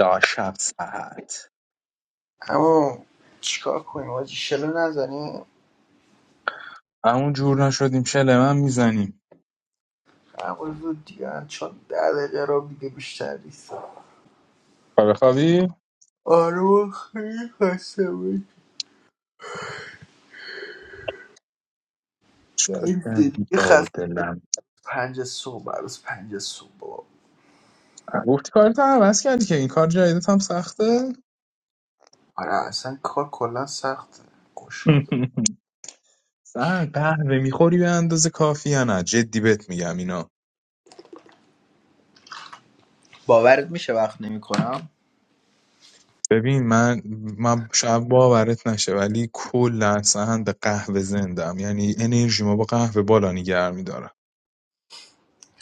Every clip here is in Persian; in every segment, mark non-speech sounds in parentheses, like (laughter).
تا شب ساعت اما چیکار کنیم آجی شلو نزنیم همون جور نشدیم شله من میزنیم هر زود دیگه هم چون ده دقیقه رو دیگه بیشتر نیست خواب خوابی آره من خیلی خسته بود. چیکار خیلی دیگه کردی با خسته دلم پنج صبح عروس پنج صبح بابا. گفتی کارت هم عوض کردی که این کار جدیدت هم سخته آره اصلا کار کلا سخته گشاده (laughs) سن قهوه میخوری به اندازه کافی یا نه جدی بهت میگم اینا باورت میشه وقت نمیکنم ببین من من شب باورت نشه ولی کلا سهن به قهوه زندم یعنی انرژی ما با قهوه بالا نگر میدارم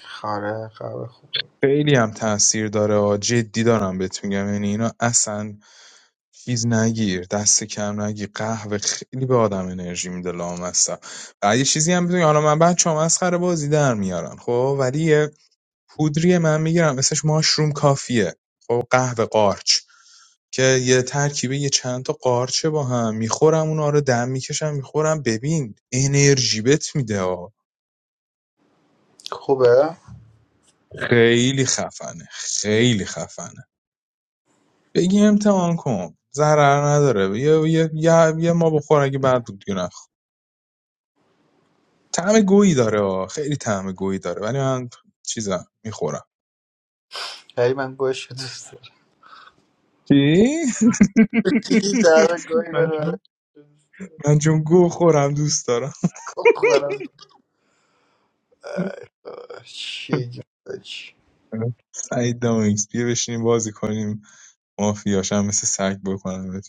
خاره خوبه خوبه خیلی هم تاثیر داره آ. جدی دارم بهت میگم یعنی اینا اصلا چیز نگیر دست کم نگیر قهوه خیلی به آدم انرژی میده لامصب و یه چیزی هم بدونی حالا من بچه هم مسخره بازی در میارن خب ولی یه پودری من میگیرم اسمش ماشروم کافیه خب قهوه قارچ که یه ترکیبه یه چند تا قارچه با هم میخورم اونا رو دم میکشم میخورم ببین انرژی بت میده آ. خوبه خیلی خفنه خیلی خفنه بگی امتحان کن ضرر نداره یه, یه, یه, یه ما بخور اگه بعد بود دیگه طعم گویی داره آه. خیلی طعم گویی داره ولی من چیزم میخورم هی من گوش دوست دارم چی؟ (laughs) دیگه در گاهی من رو برای چون من چون گو خورم دوست دارم خب خورم چی جون سعید دامیکس بیا بشینیم بازی کنیم مافیاشم مثل سگ بکنم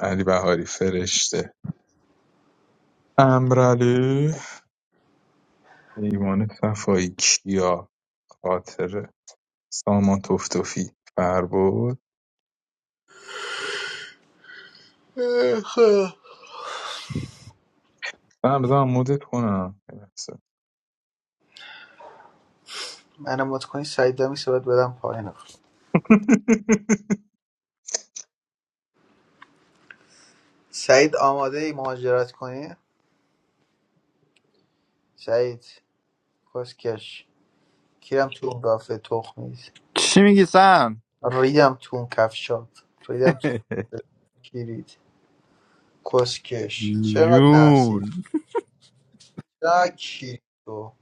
علی بهاری فرشته امرعلی ایمان صفایی کیا خاطره سامان توفتوفی فربود داشت. من بذارم مدت کنم (laughs) یه لحظه. منم مت کنی سعید هم باید بدم پایین سعید آماده ای مهاجرت کنی سعید کسکش کیرم تو اون رافه تخم نیست چی میگی سم ریدم تو اون کفشات ریدم تو اون کیرید کسکش چقدر نفسی جون چقدر کیرید تو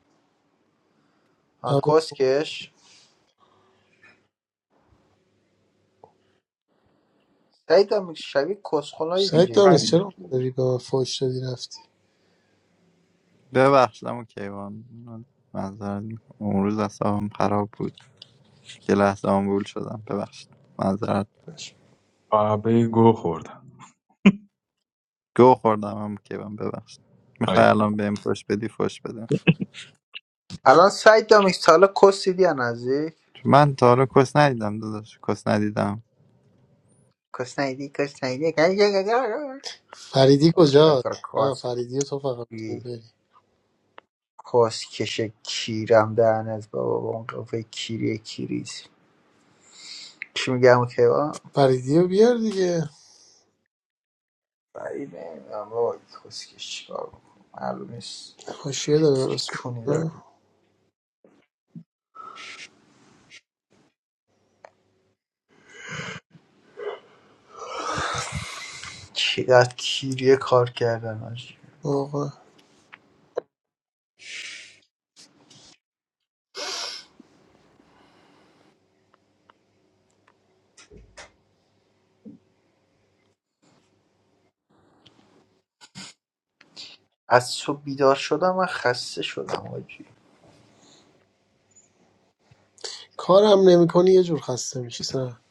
آه، آره کسکش سعید هم شبیه کسخلایی تو سعید دامیز جدی فرید چرا خورد داری به من فوش دادی رفتی ببخشید اما کیوان معذرت می‌خوام. اون روز اصابم خراب بود یه لحظه آمبول شدم ببخشید معذرت باش. قهوه گو خوردم گو خوردم اما کیوان ببخشید میخوای الان بهم فش بدی فش بده الان سعید هم سالا کس دیدی یا نزدیک من تا حالا کس ندیدم داداش کس ندیدم کس نیدی کس نیدی فریدی بیا کجاست کار نه کس فریدی رو تو فقط میتونی بیاری کاسکش کیرم دهنت بابا با اون قیافه کیری کیریت چی میگم اون کیوان فریدی رو بیار دیگه بعید نمیدونم بابا این کاسکش چیکار میکنه معلوم نیست حاشیه داره چه اسم کونی داره آه، چقدر کیریه کار کردن آجی واقعا از تو بیدار شدم من خسته شدم آجی کارم نمیکنی یه جور خسته میشی سن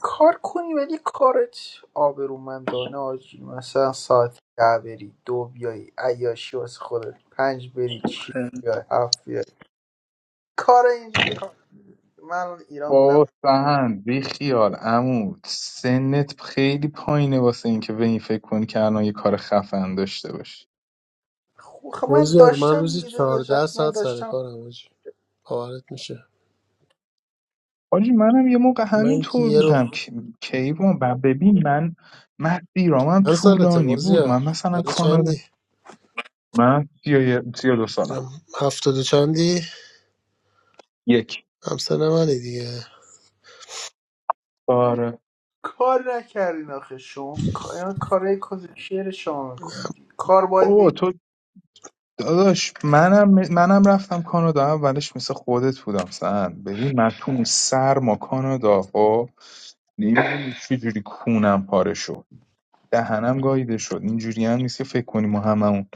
کار کنی ولی کارت آبرومندانه آجی مثلا ساعت ده بری دو بیای عیاشی واسه خودت پنج بری چی بیای هفت بیای کار اینجوری ها من ایران بودم بابا سهند بیخیال عمو سنت خیلی پایینه واسه اینکه به این فکر کنی که الان یه کار خفن داشته باشی خب من مازیار من داشتم روزی دیده داشت 14 وقتی من ساعت سر داشتم کارم حاجی باورت میشه حاجی منم یه موقع همین من که طور یه رو بودم که کی بودم و ببین من مسیرام هم چند سالته طولانی بود مازیار من مثلا سال کانادا چندی من سی دو سالم هم- هفتاد و چندی یک همسن منی دیگه آره کار نکردین آخه شما کار کارهای شعر شما میکنید کار باید بابا بید. تو داداش منم منم رفتم کانادا اولش مثل خودت بودم سن ببین من تو اون سرما کانادا خب نمیدونی چجوری کونم پاره شد دهنم گاییده شد اینجوری هم نیست که فکر کنیم ما هممون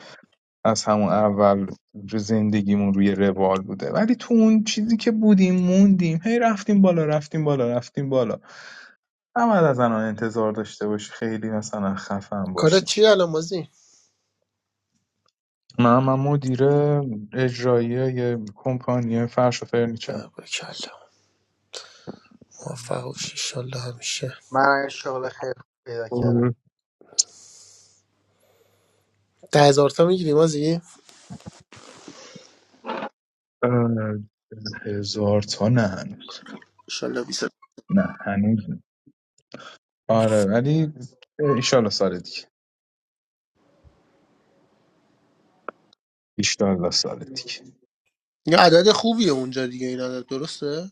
از همون اول رو زندگیمون روی روال بوده ولی تو اون چیزی که بودیم موندیم هی رفتیم بالا رفتیم بالا رفتیم بالا نباید از الان انتظار داشته باشی خیلی مثلا خفن باشی کارت چی الان مازی من من مدیر اجرایی یه کمپانی فرش و فرنیچر نه، بکلا موفق باش انشالله همیشه من یه شغل خیر پیدا خب، کردم ده هزار تا میگیری مازی؟ هزار تا نه هنوز انشالله بیست نه هنوز نه. آره ولی ایشالا سال دیگه ایشالا سال دیگه یا عدد خوبیه اونجا دیگه این عدد درسته؟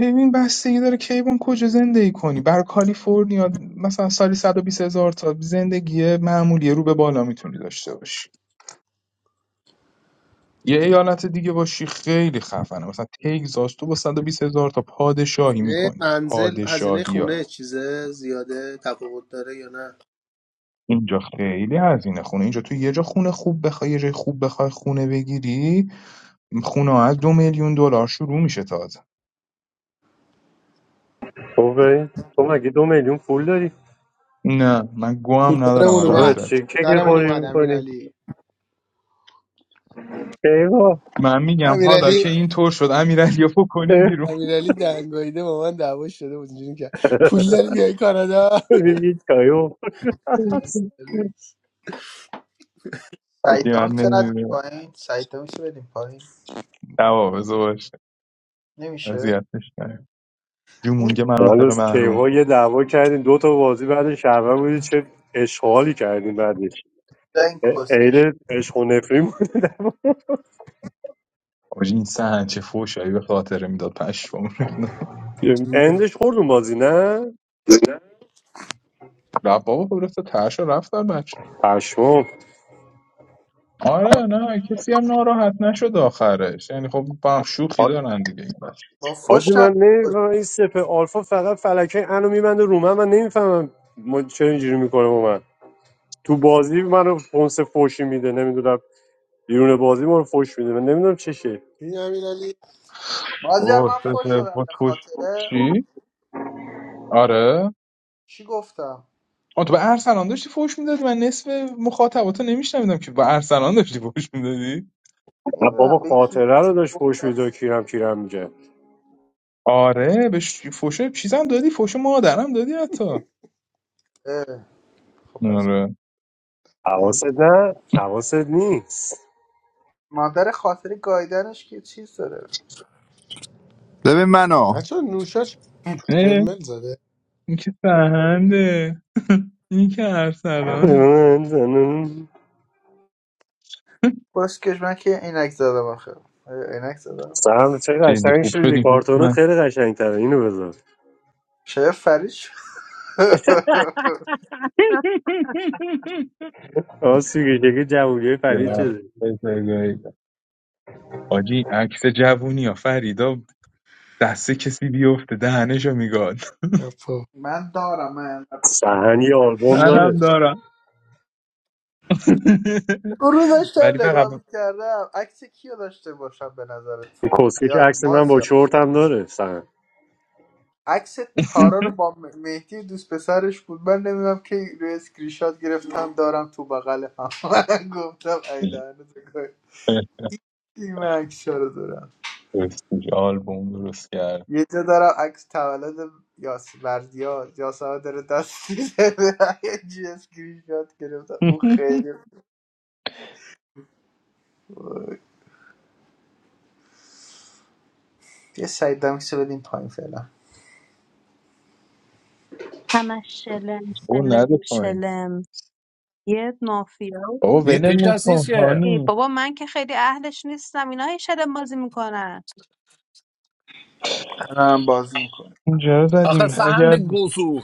ببین بستگی داره کیوان کجا زندگی کنی بر کالیفرنیا مثلا سالی 120 هزار تا زندگی معمولی رو به بالا میتونی داشته باشی یه ایالت دیگه باشی خیلی خفنه مثلا تگزاس تو با 120 هزار تا پادشاهی هزینه میکنی منزل هزینه پادشاهی ها خونه چیزه زیاده تفاوت داره یا نه اینجا خیلی هزینه خونه اینجا تو یه جا خونه خوب بخوای یه جای خوب بخوای خونه بگیری خونه ها از دو میلیون دلار شروع میشه تازه تو به- تو مگه دو میلیون پول داری نه من گوام پول ندارم دارمون الان بابا اومد امیرعلی چی کیک درمون خوری اومد میکنی امیرعلی کیوا من میگم حالا امیرعلی که این اینطور شد امیرعلی رو بکنیم بیرون امیرعلی دنگاییده با من دعوا شده بود اینجوری کرد پول داری بیای کانادا یه چایو هست سعید زیاد دام ندیم نمیده پایین سعید دام میشه بدیم پایین نوابزه باشه نمیشه اذیتش کرد اون جمونگه (laughs) مناطق هنوز کیوا محروم یه دعوا کردیم دو تا بازی بعد شهروند بودی چه اشغالی کردیم بعدش دا این ا- کسکش عین عشق و نفرین آجی این سهن چه فوشایی به خاطره میداد پشمام ریخته بودیم اندش این خوردون بازی نه رفت بابا برسه ترشو رفتن بچه پشمام آره نه کسی هم ناراحت نشد آخرش یعنی خب با هم شوخی حا- دارن دیگه این بچه با حاجی فش نه من نمیفهمم این سپه آلفا فقط فلکه انو میبنده رو من من نمیفهمم ما چه اینجوری میکنه با من تو بازی منو پونس فوشی میده نمیدونم بیرون بازی ما رو فوش میده من نمیدونم چشه امیرعلی مازیار اوه من سه فش سه، دادم با به توش خاطره چی؟ آره چی گفتم آه تو به ارسلان داشتی فوش میدادی من نصف مخاطباتو نمیشنویدم که به ارسلان داشتی فوش میدادی نه بابا نمیدونم به کی خاطره رو داشت گفت فوش میده کیرم کیرم میگه آره به ش- فوش چیزم دادی فوش مادرم دادی حتی اه، خب پس آره حواست نه حواست نیست مادر خاطره گایدنش که چیز داره ببین منو بچه نوشاش رلمل زده این که فرهنده (laughs) این که ارسلانه کسکش من که عینک زدم آخه آیا عینک زدم سم چه خیلی قشنگ خوب شد شدی این هوش کارتونت من خیلی قشنگ تره اینو بذار شاید فرش (laughs) (laughs) راستی که چه جوونی های پرید نه، ببر. شده بزرگایی. حاجی عکس جوونی ها فریدا دست کسی بیفته دهنشو میگاد حرفا. من دارم من اینقدر سهن دارم یه میکنی آلبوم منم داره دارم (laughs) اون رو ولی داشتم فقط نگاه میکردم عکس کیو داشته باشم به نظرت کسکش یا عکس من با مازیا چرت هم داره سهن عکس تارا (laughs) رو با م- مهدی دوست پسرش بود من نمیدونم که روی اسکرین شات گرفتم دارم تو بغل هم (laughs) من گفتم ای دهنت سرویس. این من عکس رو دارم راستی، آلبوم درست کرد یه جا دارم عکس تولد یاس بردیا یاسمن داره دست میزنه (laughs) یه جی اسکرین شات گرفتم اون (laughs) خیلی بیا سعید دمکسو بدیم پایین فعلا همش شلم او شلم نده پایین شلم یه مافیا بابا نی- هیچ ولمون کس نیست کن که بودی. هانی بابا من که خیلی اهلش نیستم اینا هی شلم بازی میکنن منم بازی میکنم اینجا رو آخه زدیم سهند اگر گوزو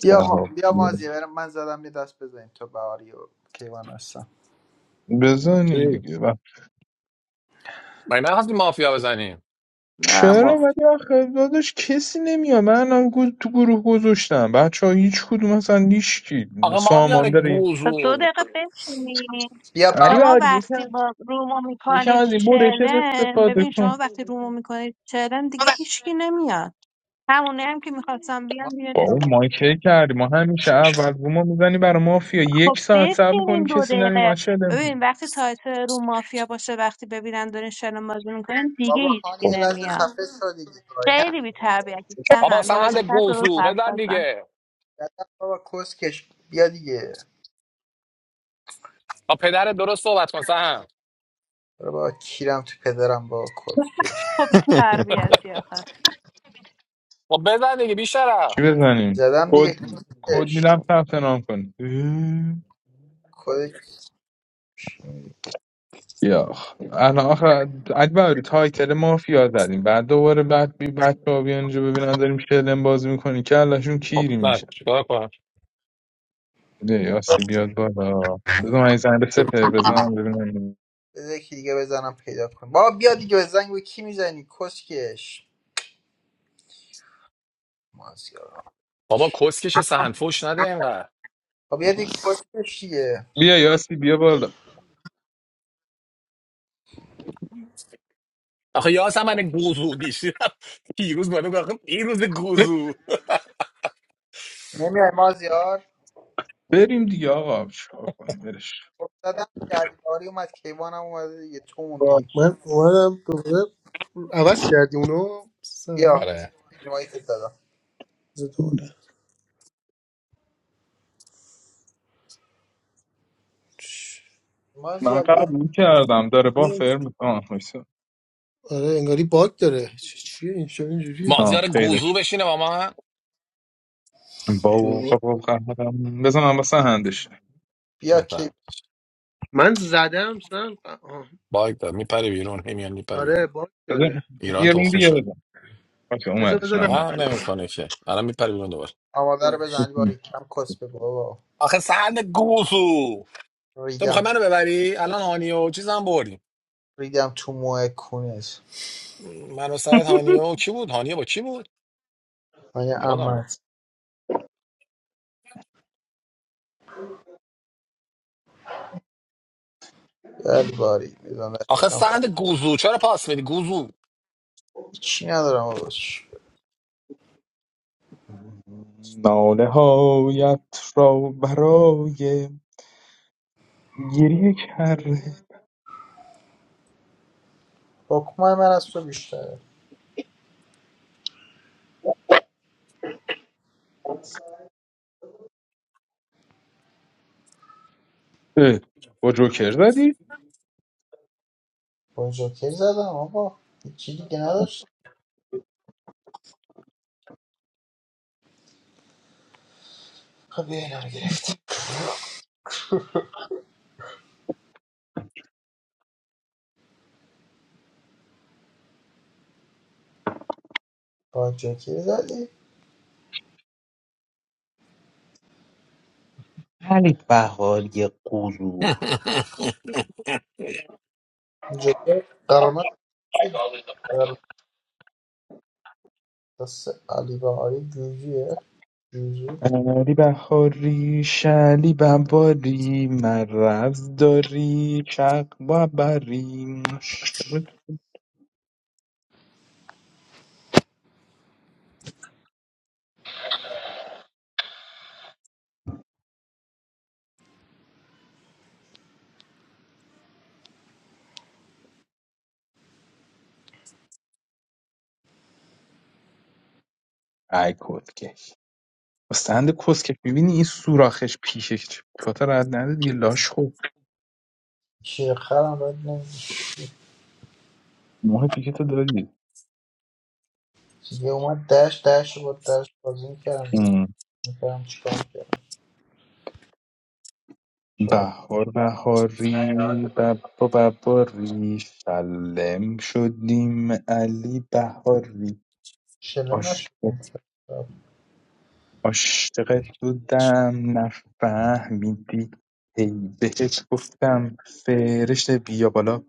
بیا ما بیا مازی برم من زدم یه دست بزنیم تا بهاری و کیوان هستم چی؟ بزنیم دیگه مگه نخواستی مافیا بزنیم نه چرا ما ولی آخه داداش کسی نمیاد من هم گو- تو گروه گذاشتم بچه ها هیچ کدوم اصلا هیچکی آخه سامان مازیار داری تا دو گوزو دقیقه بشینی بیا با... ولی شما بعد وقتی یکم با رومو یکم میکنید از این برشت شلم استفاده ببین شما کن وقتی رومو میکنید شلم دیگه هیچکی نمیاد همونه هم که میخواستم بیان ما دیگه با اون نمیاد ما کی کردی ما همیشه اول رو ما میزنی برای مافیا یک خب ساعت صبر بشینین کنیم دو کسی دقیقه نمیومد چه ببین وقتی تایتل رو مافیا باشه وقتی ببینن دارین شلم بازی میکنین دیگه بابا خان هیچکی خب یه لحظه نمیاد خفه شو دیگه گاهی ما خیلی رو بابا بی‌تربیتی بابا سهند با سهند بزرگترت درست گوزو حرف بزن بزن دیگه زدم بابا کسکش بیا دیگه با پدر درست صحبت کن سهند برو بابا کیرم تو پدرم بابا کسکش خب (laughs) بی‌تربیتی آخه خب بزن دیگه بیشتر چی بزنیم زدم دیگه کد کد کسکش میدم ثبت نام کنیم کد یا آخ. الان آخه اکبر تایتل مافیا زدیم بعد دوباره بعد بی بچه ها بیان اینجا ببینن داریم شلم بازی میکنیم که کلشون خب کیری بزن میشه چیکار کنم بیا یاسی بیاد بالا بذار من این زنگ سپر بزنم ببینم بذار یکی دیگه بزنم پیدا کنم بابا بیا دیگه بزنگ کی میزنی کسکش مازیار بابا کسکش سهند فوش نده اینقدر بابا بیا دیگه کسکش دیگه بیا یاسی بیا بالا آخه یا من گوزو دیشی (laughs) پیروز بالا گفت آخه پیروز گوزو نمیای مازیار بریم دیگه آقا چیکار کنیم برش افتادم گردباری اومد کیوان هم اومده دیگه تو موندی باش من اومدم دوباره عوض کردی اونو بیا ساعت آره روایت دادم زد من مازیار بیا قبول کردم داره بافر میکنه آه وایسا. آره انگاری باگ داره چ- چیه این شب اینجوریه آه، مازیار پیداش گوزو بشینه با من با ای بابا قهرم بزن من واسه هندش بیا کی مثلا من زدم سن آه. باگ داد میپره بیرون همیان میپره آره بیرون باگ بذار داره ایران یه روم تخمی دیگه شده بزن باشه بذار اومدش بذار نه نه فرق اومد، اومد اومد، نمیکنه که الان میپری بیرون دوباره آماده رو اومدش. بزن باری کم کس بگو بابا آخه سند گوزو. تو ریدم میخوای تو منو ببری الان هانیه و چیزم بردیم ریدم تو موه کونت من و سعید هانیه و کی بود هانیه با کی بود من یادم نه امت بل باری آخه میزنم خود سند گوزو چرا پاس میدی گوزو چی ندارم بابا چی؟ ناله هایت را برای گریه کرده حکم من از تو بیشتره اه، با جوکر زدی؟ با جوکر زدم آقا هیچی دیگه نداشت خب بیا اینا رو گرفت با جوکر زدی (laughs) جوکر قرمز قرمز علی بهاری گوجیه جوجو علی بهاری شلی بباری مرز داری چق ببری شد ای کسکش استند کسکش میبینی این سوراخش پیشش چه- کتا رد نده دیگه لاش خوب چرخرم رد نمیشه موه پیشتو داری دیگه اومد دشت دشت رو با دشت بازی میکردم میکردم چیکار میکردم چرا بهار بهاری ببا بباری شلم شدیم علی بهاری شلم عاشق- نشدیم عاشقت بودم نفهمیدی هی بهت گفتم فرشته بیا بالا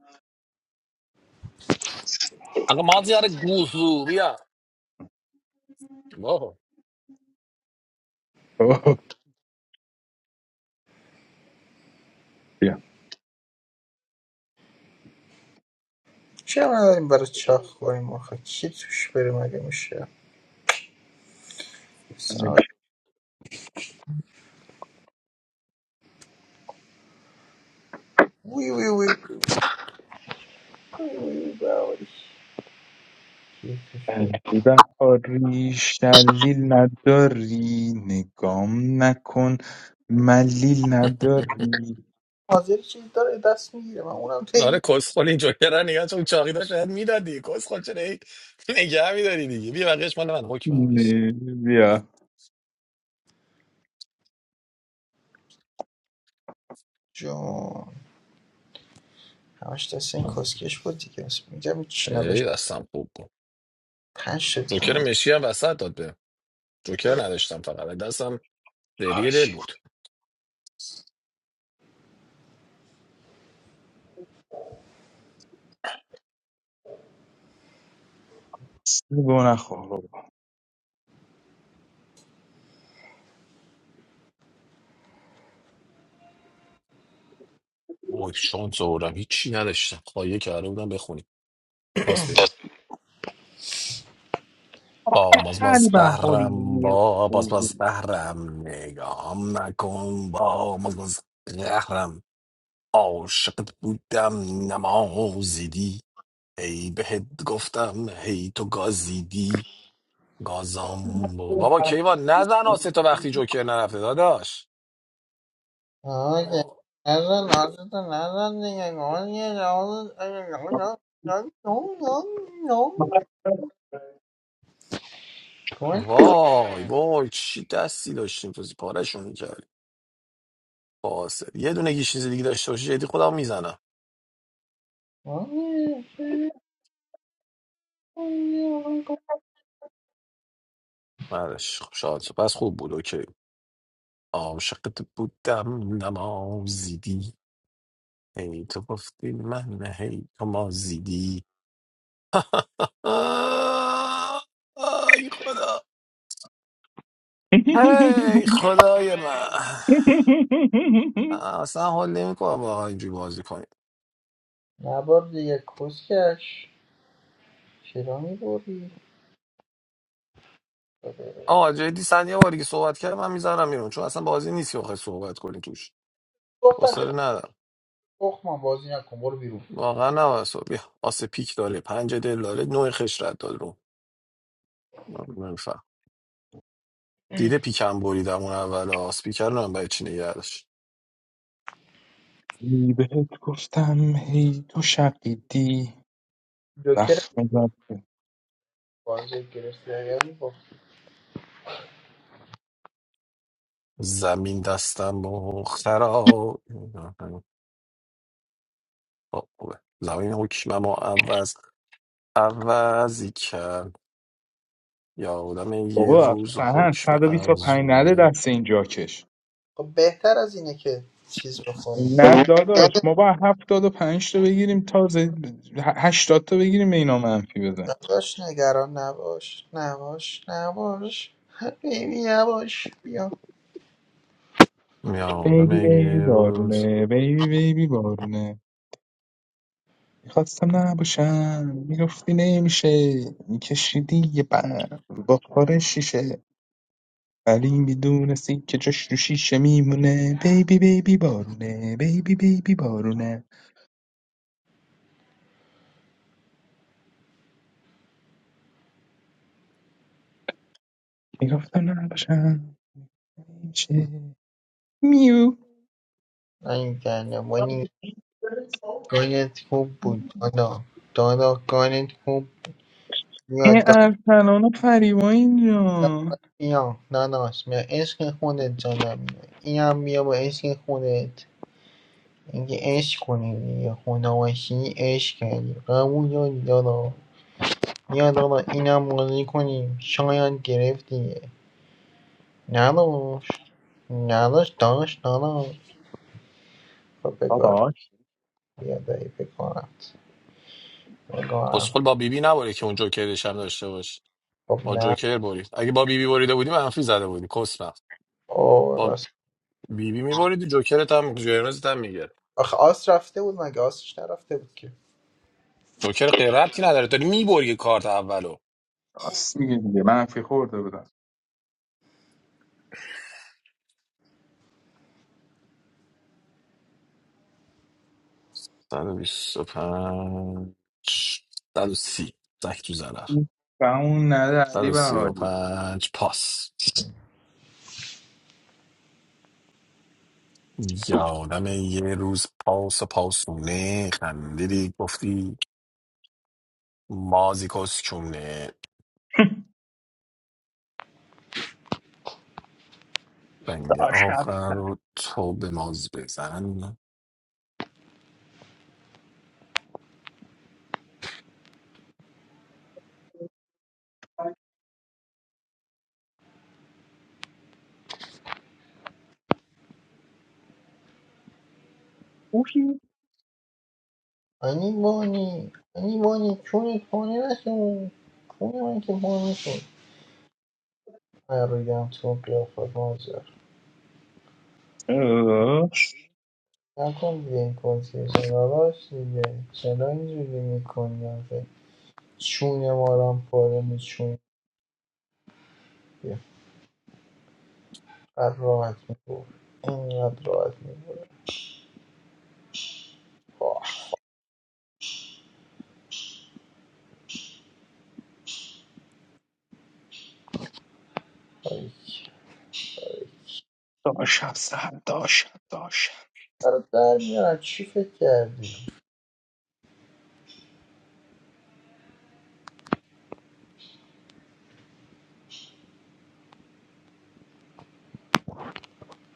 آقا مازیار گوزو بیا واه اوه، بیا چرا نداریم برای چاخ کنیم آخه کی توش بره مگه میشه سلام. وی وی وی وی برای کی توش بره علی بهاری شلیل نداری نگام نکن ملیل نداری حاضر چیز داره دست میگیره من اونم تیمی آره کسخل این جوکر نگاه چون چاقی داشت شاید میدادی کسخل چرا هی نگه میداری دیگه بیا بقیهش مال من حکم همشی نه، بیا جون همش دست این کسکش بود دیگه مثلا میگم هیچ چی نداشت ای دستم خوب بود پنج جوکر مشی هم وسط داد به جوکر نداشتم فقط دستم دریه آی، دل بود گوه نخور اوه شانس آوردم هیچی نداشتم خواهیه کرده بودم بخونیم پاس بدی آخه باز باز قلبم دهرم با باز باز دهرم نگام نکن با باز باز دهرم عاشقت بودم نمازیدی هی بهت گفتم هی تو گازیدی گازام بود. بابا کیوان نزن آسه تا وقتی جوکر نرفته داداش آقا که آه، نزن آتتو نزن دیگه گل یه جواب اگه گل گل گل گل گل وای وای چی دستی داشتیم تو پارشون قاصد یه دونه یه چیز دیگه داشته باشی جدی خودم میزنم گل گل بعدش خب شاد شد. پس خوب بود اوکی عاشقت بودم نمازیدی هی تو گفتی من هی تو مازیدی آه، آی خدا (laughs) هی خدای من اصلا حال نمیکنم واقعا اینجوری بازی کنیم نبار دیگه کسکش چرا میبوری؟ آه جدی سن یه باری که صحبت کردم من میذارم بیرون چون اصلا بازی نیست که بخوای صحبت کنی توش گفتم چه حوصله ندارم تخمم بازی نکن برو بیرون واقعا نباید صحبت بیا آسه پیک داره پنج دل داره نوع خشرت داره نمیفهم دیده پیکم بریدم اون اول آس پیکر رو هم برای چی نگه داشت ای بهت گفتم هی تو شقیدی جوکر وقت میزد بازی گرفتی اگر می‌باخت. زمین دستم مخترا خب، خوبه. زمین حکمم و عوض عوضی کرد یادم یه بابا روز سهن حکم 125 نده افزونه دست این جاکش خب بهتر از اینه که چیز بخوریم نه داداش ما با هفتاد و پنج تا بگیریم تازه ه- هشتاد تا بگیریم به اینا منفی بزن داداش نگران نباش نباش نباش حبیبی نباش بیا یادم بیبی بیبی یه روز بارونه بیبی بیبی بارونه میخواستم نباشم میگفتی نمیشه میکشیدی یه بر با خور شیشه علی بدون سکه جشن رو شیشه میمونه بیبی بیبی بارونه بیبی بیبی بارونه میگفتم نباشم میشه میو این کنمونی گلت خوب بود دادا دادا گلت خوب بیا این دادا ارسلان و فریبا اینجا بیا نداش بیا عشق خودت جانم بیا اینم بیا با عشق خودت اینکه عشق کنی دیگه خدا باشی عشق کردی قبول داری دادا بیا دادا اینم بازی کنیم شاید گرفتی نداش نداش داش دادا خب بگار داداش بیا دایی بگارت کسخل بگارم با بیبی نباره که اون جوکرش هم داشته باش خب با نه جوکر برید اگه با بیبی بریده بودی منفی زده بودی کسمم او با راست بیبی میبریدی جوکرت هم جرمزت هم می‌گرفت. آخه آس رفته بود مگه آسش نرفته بود که جوکر غیر ربطی نداره داری میبری کارت اولو راست میگه دیگه منفی خورده بودم 125 130 زک تو زنر و اون نده صد علی و سی و بهاری پنج پاس یادم یه روز پاس و پاسونه خندیدی گفتی مازی کسکونه دنگ داشت آخر رو تو به ماز بزن پوشی علی بانی علی بانی چونت پاره نشون چون من که پاره نشون پریدم تو قیافت مازر داشت نکن دیگه این کسی سراراش دیگه چرا اینجوری میکنی آخه چون ما رو هم پاره میچون قد راحت میبور اینقدر راحت میبور داشت سر داشت داشت برای در میارن چی فکر کردی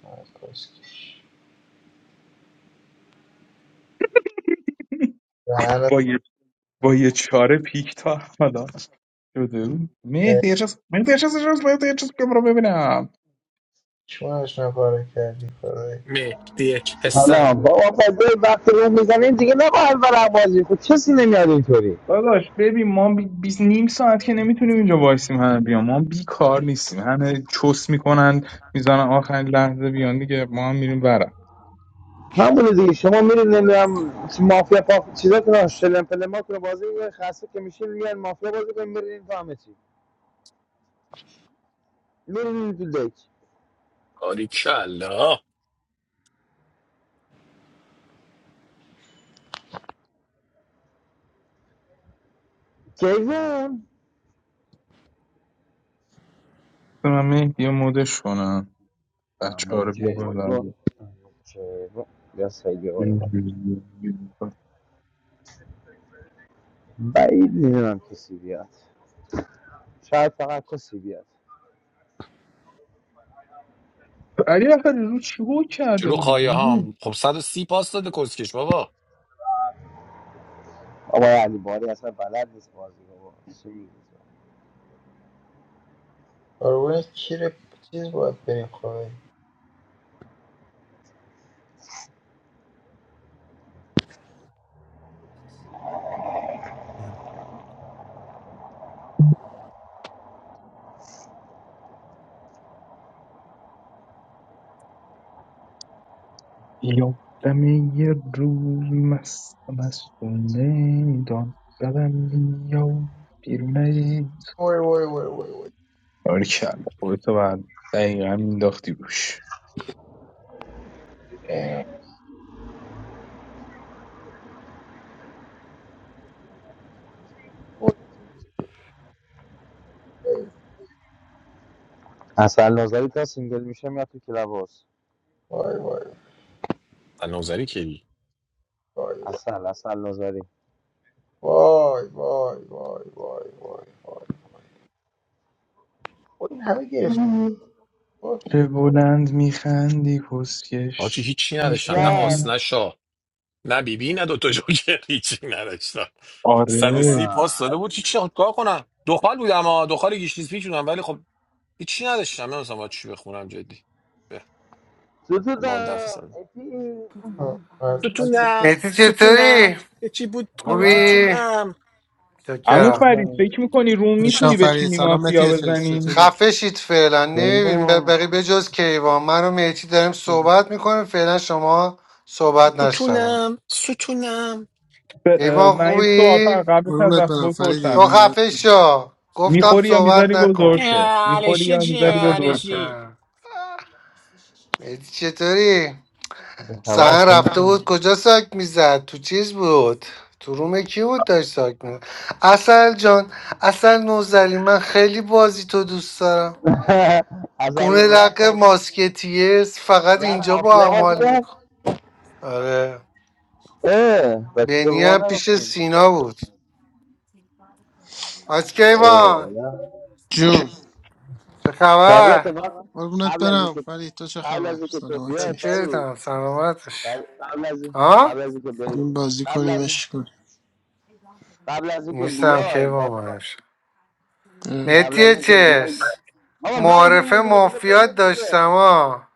آه، کسکش. دهنت با یه چاره پیک تا حالا شده بود مهدی یه چیز مهدی یه چیز یه چیز- مهدی یه چیز بگو رو ببینم چونش نپاره کردی خدایی حالا با آفاده وقتی رو میزنین دیگه نه با اول بازی خود کسی نمیاد اینطوری داداش ببین ما بی... بیس نیم ساعت که نمیتونیم اینجا وایسیم همه بیان ما بی کار نیستیم همه چوس میکنن میزنن آخرین لحظه بیان دیگه ما هم میریم برم همون دیگه شما میرید نمیدونم مافیا پاپ چیزاتون شلم پلماتون بازی خاصه که میشین میان مافیا بازی کردن میرین تو همه چی میرین تو دک باریکلا کیوان من مهدی یه مدش کنم بچه ها ام رو بیا کیوان بردارم کیوان یا سایه والا بعید میدونم کسی بیاد شاید فقط کسی بیاد علی آخر رو چی بود کرده جلو بودی خواهی گوزو هم خب 130 پاس داده کسکش بابا آقا علی باری اصلا بلد نیست بازی رو قربون کیر چیز باید بریم خدایی یا دم یه روز مست مستونه دان زدم یا بیرونه وای وای وای وای وای آرکل خودتو بعد دقیقا مینداختی روش Damn. وای اصلا نظری تا سینگل میشه میاد تو کلاباس وای وای النوزری کی وای Asal asal nosari. وای وای وای وای وای وای خب این همه گرفت بود چه بلند میخندی آجی کسکش هیچی نداشتم نه Etiar. آس بیشترین نه شاه نه بیبی نه دوتا جوکر هیچی نداشتم 130 آره Mama. پاس داده Ay. بود هیچی کار کنم دخال بودم ها دخال گیشنیز پیچ بودم ولی خب هیچی نداشتم نمیستم باید چی بخونم جدی به Toto da. ما دفع زدم Eti. آه، از دست ستونم مهدی ستونم چطوری؟ یه چی بود تو Haba. خوبی؟ توتونم عمو شکرم Etan. فرید فکر میکنی روم شان میتونی به فرید سلام مافیا متی چ- بزنی چطوری خفه شید فعلا نمیبینیم Jemu. بقیه به جز کیوان من و مهدی داریم صحبت میکنیم فعلا شما صحبت نشتم توتونم ستونم ب- اه، کیوان من یه سوال فقط خوبی؟ قبلت از قربونت وقت برم تو فریدی بپرسم خفه شو گفتم میخوری یا صحبت میذاری بزرگ نکن شه میخوری جالشی یا میذاری بزرگ شه جالشی اه. مهدی چطوری؟ Haba سهن sema. رفته بود کجا ساک میزد؟ تو چیز بود؟ تو روم کی بود داشت ساک میزد؟ اصل جان اصل نوزلی من خیلی بازی تو دوست دارم Asal گونه لق rasos. ماسکتیه، فقط اینجا Rasos با dia هم حال wasiye. میکن آره Eh. Besi بنی هم mona پیش wasiye. سینا بود آسکه Eh. ایوان Nah. جون چه خبر Tafseemah. قربونت Abla برم zikat. فرید تو چه Abla خبر zikatobia سلامتی Paris. چکرتم سلامتش Abla zikat. ها Abla zikatbi. این بازی کنیم عشق کنیم Abla نیستم که با zikatbiya. منش اه. Travelers, مهدی but why did you چس come here? معارفه Because I came مافیات here. داشتم ها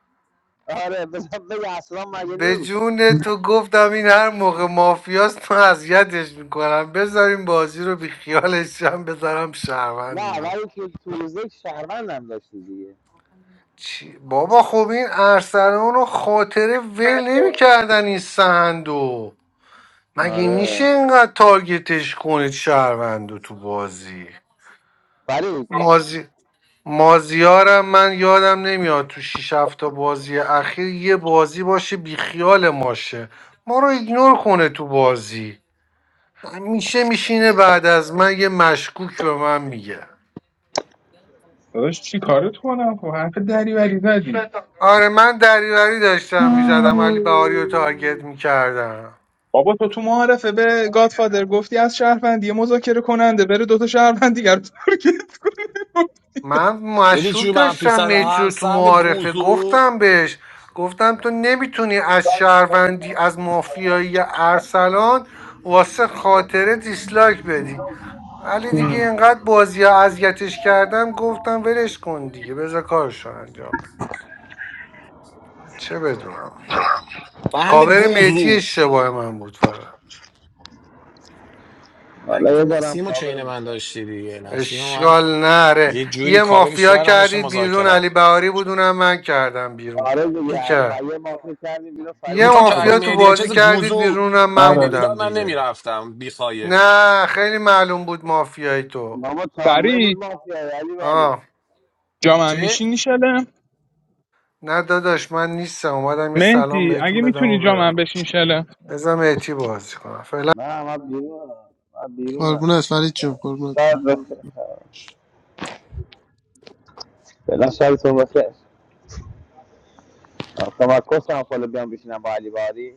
And because I came here, I am a به journalist. جون تو گفتم این هر موقع مافیاست من اذیتش میکنم بذاریم بازی رو بی خیالش شم بذارم No, شهروند اینو why did you come here? The city is famous. Yes, چی؟ بابا خب این ارسلان رو خاطره ول نمیکردن این سهندو مگه میشه اینقدر تارگتش کنید شهروندو تو بازی Paris. مازی مازیارم من یادم نمیاد تو 6 7 تا بازی اخیر یه بازی باشه بیخیال ماشه ما رو ایگنور کنه تو بازی میشه میشینه بعد از من یه مشکوک به من میگه داداش چی کارت کنم خب حرف دریوری زدی آره من دریوری Let داشتم میزدم علی بهاری رو تارگت میکردم بابا تو تو معارفه به گادفادر گفتی از شهروندی مذاکره کننده بره دوتا شهروند دیگر رو تارگت کن من یعنی مشروب چی منفی داشتم صد میتی هم رو تو صد معارفه گوزو گفتم بهش گفتم تو نمیتونی از شهروندی از مافیایی ارسلان واسه خاطره دیسلایک بدی ولی دیگه هم، اینقدر بازی اذیتش کردم گفتم ولش کن دیگه بذار کارشو انجام بده چه بدونم بند کاور میتی گوزو اشتباه من بود فقط اگه me تو tell you a news. Paris is famous نسیم و for چین من داشتی دیگه نسیم و من اشکال نره یه جوری یه کاوری مافیا شهرم بشه کردید بیرون مذاکره. علی بهاری بود اونم من کردم بیرون کی کرد its city, not for its اون یه تو که city. علی البته مافیا تو مهدی بازی چیز کردید گوزو بیرونم من رای آره نمیداد بودم من دیگه نمیرفتم بیخایه نه خیلی معلوم بود مافیای تو But what problems do فرید you have? Daily, آه جامم چی؟ میشینی شلم نه داداش من نیستم اومدم یه سلام مهدی اگه بهتون بدم و میتونی جامم برم بشین شلم بذارم اعتی بازی کنم فعلا no, I am not قربونت فرید جون tired. I قربونت am برم not tired. God, Allah, Subhanahu wa Taala. Come, come, come, come.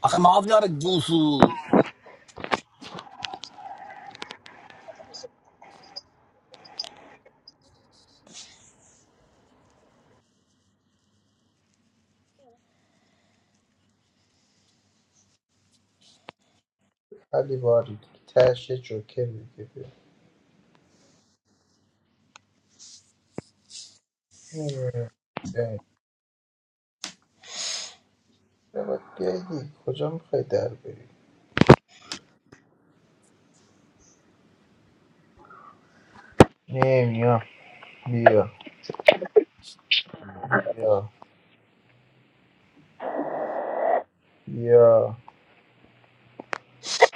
آخه مافیار گوزو خیلی باری دیگه. تهش یه جوکر دیگه بیاد. نمی‌دونم. بیاین. بیا باید بیای دیگه. کجا میخوای در بری نمیدونم بیا بیا بیا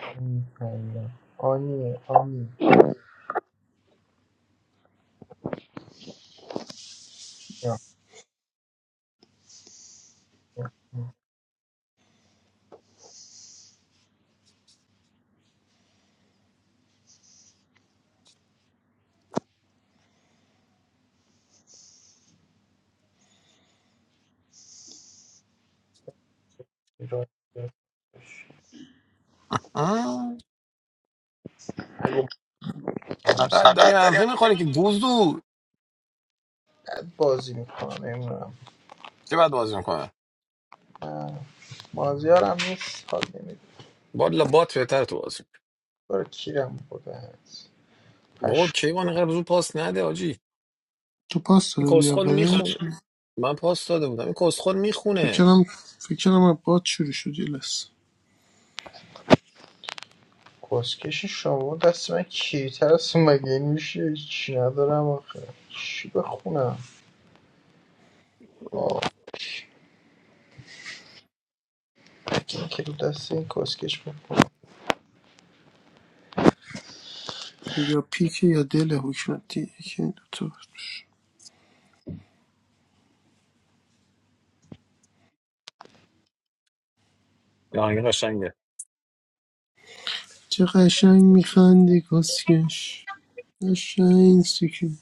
این حالا. آنی آنی بیا. بیا. بیا. بیا. آه، بیا. فقط داری فقط داری منفی میخوری که گوزو هم بازی میکنم نمیدونم چه باید بازی میکنه مازیار هم نیست حال نمیده بالا بات بهتر تو بازی برو کیرم بوده هست بابا پش کیوان اینقدر زود پاس نده آجی تو پاس داده این بودی کسخل اوله میخونه من پاس داده بودم این کسخل میخونه فکرم فکرم از باد شروع شد یه لحظه. کسکش شما دست من کیریتر است مگه این میشه چی ندارم آخه چی بخونم آه. این که رو دست این کسکش بخونم یا پیک یا دل حکمتی یکی این دوتا بود. یا این قشنگه چه قشنگ میخندی کسکش قشنگ سیکی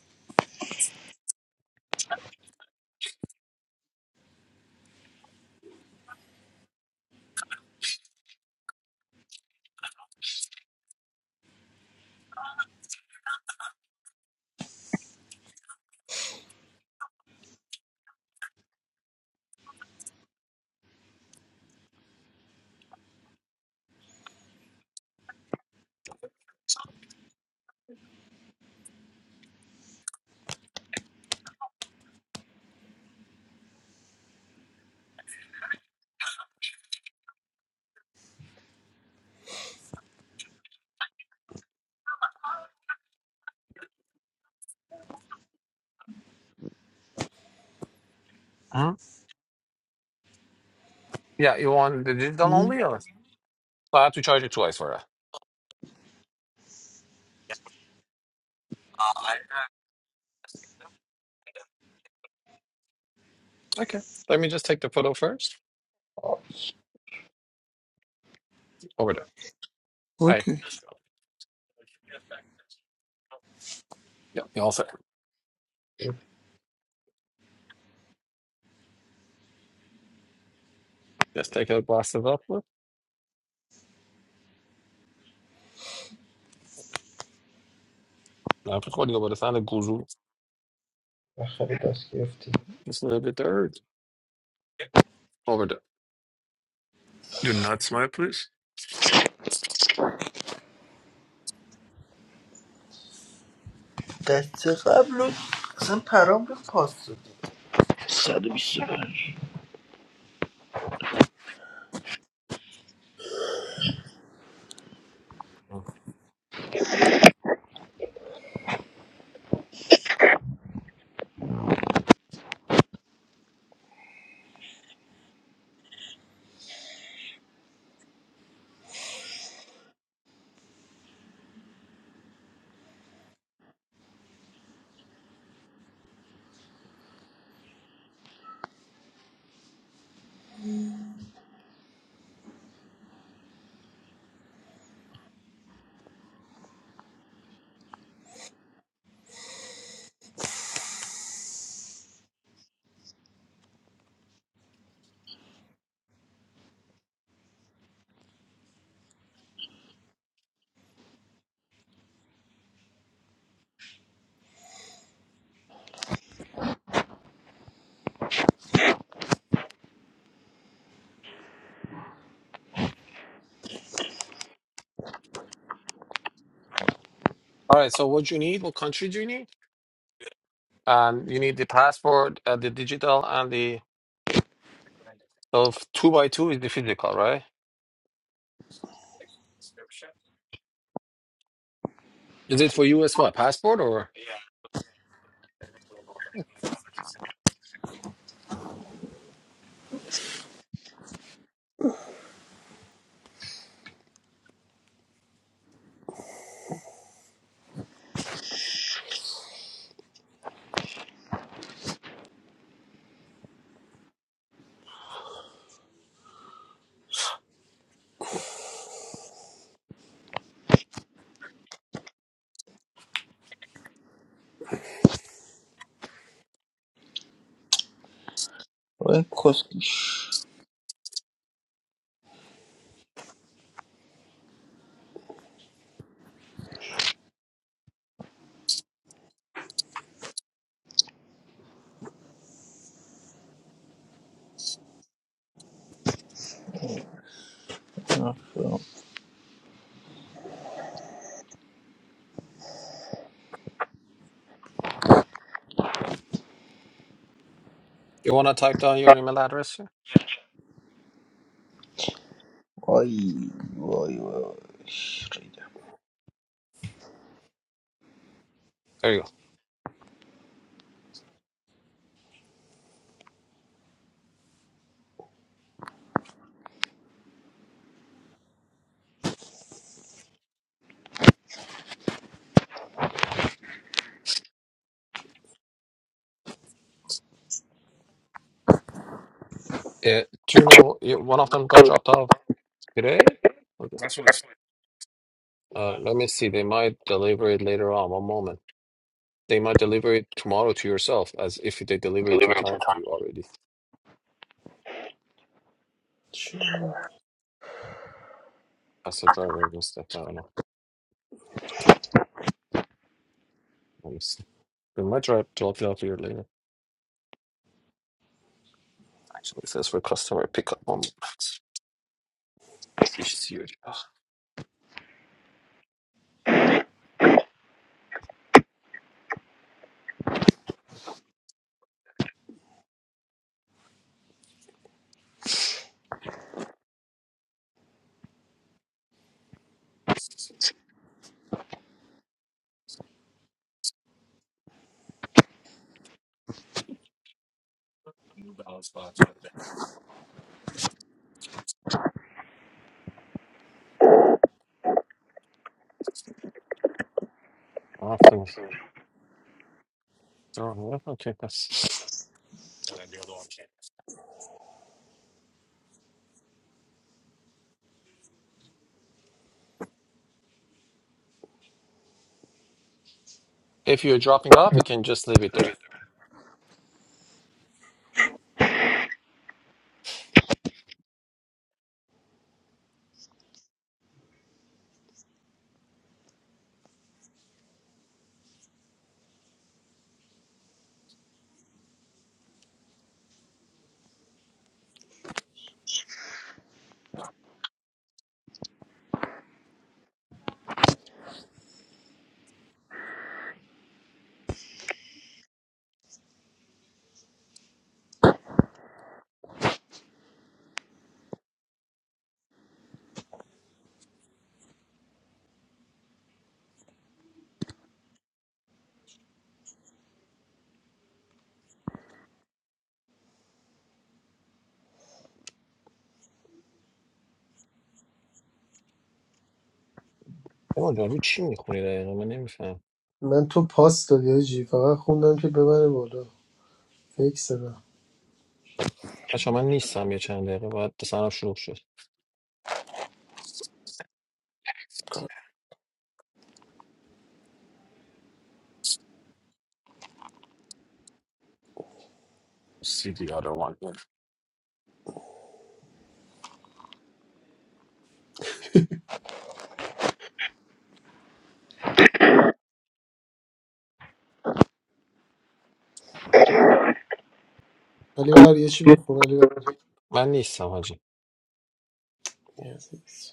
یا you want the digital هم؟ only or so I have to charge it twice for that Okay. Let me just take the photo first. آه. Over there. Hi. اوکی Yep. You all set? Just take a blast of uplift. I'm recording over the sound of Guzu. بخری دست گرفتی Just a little bit there. Over there. Do not smile, please. دست قبل رو اصلا پرام رو پاس دادی 125 Mm. All right. So what you need? What country do you need? Um, you need the passport, uh, the digital, and the So f- two by two is the physical, right? Is it for you as what? Passport or? این کسکش آفرین. You want to type down your email address? sir? وای وای وای There you go. Uh, do you know you, one of them got dropped off today? Okay. That's what it's. Uh, let me see. They might deliver it later on. One moment. They might deliver it tomorrow to yourself, as if they deliver it two times to you already. چه- As a driver and stuff. I don't know. Let me see. They might drop drop it off here later. Actually, it says for customer pickup. One moment. It's just huge. After throwing it, okay, that's. If you're dropping off, you can just leave it there. نمیدونم رو چی میخونی دقیقا من نمیفهم من تو پاس دادی آجی فقط خوندم که ببره بالا فکر زدم بچه من نیستم یه چند دقیقه باید سرم شلوغ شد See the other one here. علی بر یه چی بخون علی من نیستم حاجی بر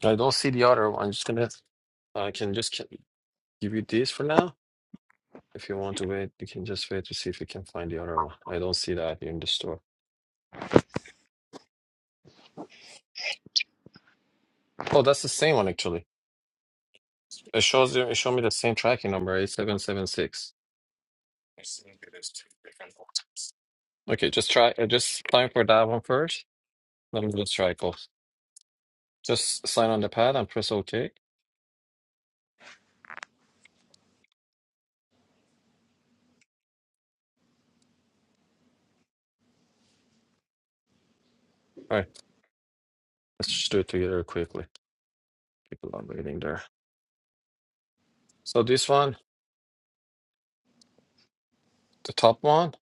I don't see the other one I'm just gonna I can just give you this for now If you want to wait, you can just wait to see if you can find the other one. I don't see that here in the store. Oh, that's the same one actually. It shows you. It showed me the same tracking number, eight seven seven six. Okay, just try. uh, Just sign for that one first. Let me just try both. Just sign on the pad and press OK. All right, let's just do it together quickly. People are waiting there. So this one, the top one,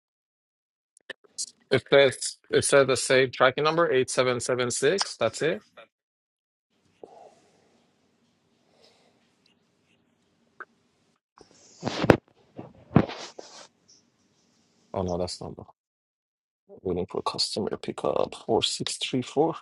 it says it says the same tracking number eight seven seven six. That's it. Oh no, that's not. the. Waiting for customer pickup. Four six three four.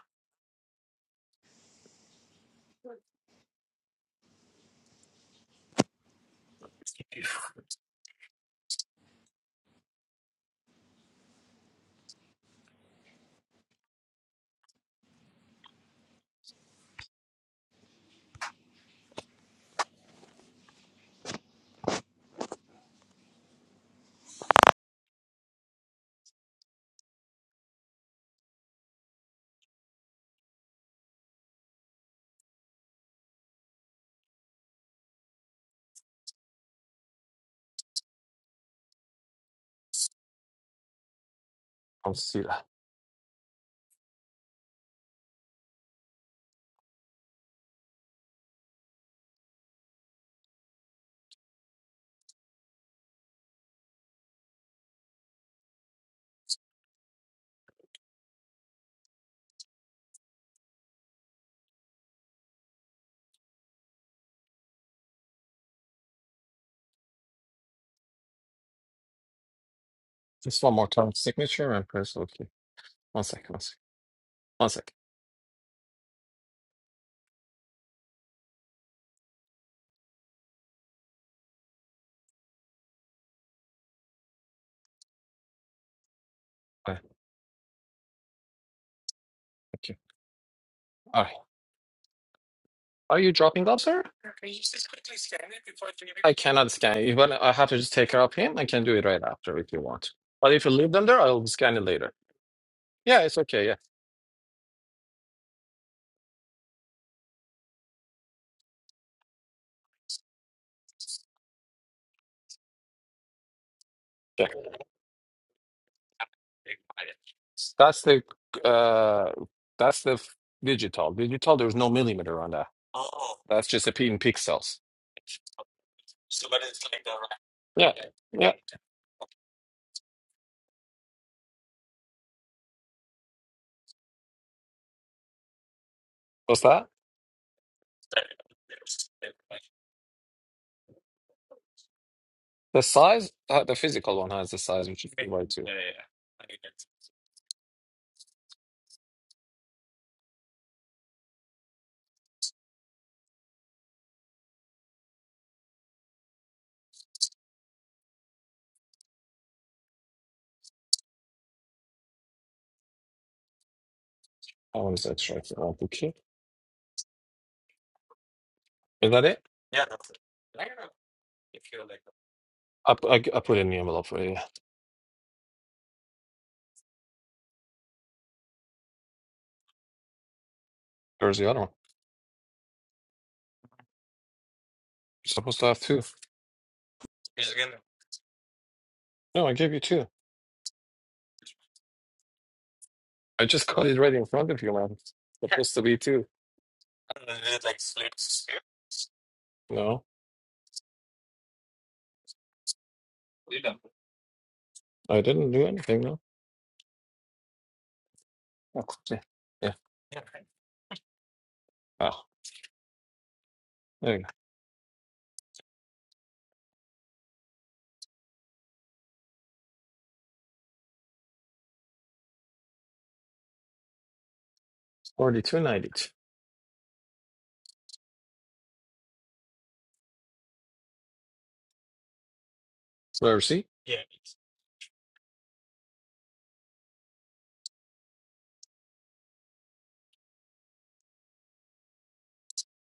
I'll see that. Just one more time. Signature and press OK. One second. One second. One second. All right. Thank you. All right. Are you dropping up, sir? I cannot scan it. Even I have to just take care of him. I can do it right after if you want. But if you leave them there, I'll scan it later. Yeah, it's okay. Yeah. Yeah. That's the uh that's the f- digital. Digital, there's no millimeter on that. Oh. That's just a p in pixels. So, but it's like the Yeah, yeah. What's that? The size, uh, the physical one has the size, which is way too. I want to extract it. Okay. Is that it? I, I I, g- I put it in the envelope for you. Where's the other one? You're supposed to have two. No, I gave you two. I just got it right in front of you, man. It's supposed to be two. I don't know, is it like split? sphere? No, You didn't. I didn't do anything, no. Oh, yeah. yeah. Yeah. Oh, there you go. 42.92. Where see? Yeah.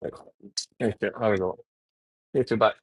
There you go. There we go. You too. Bye.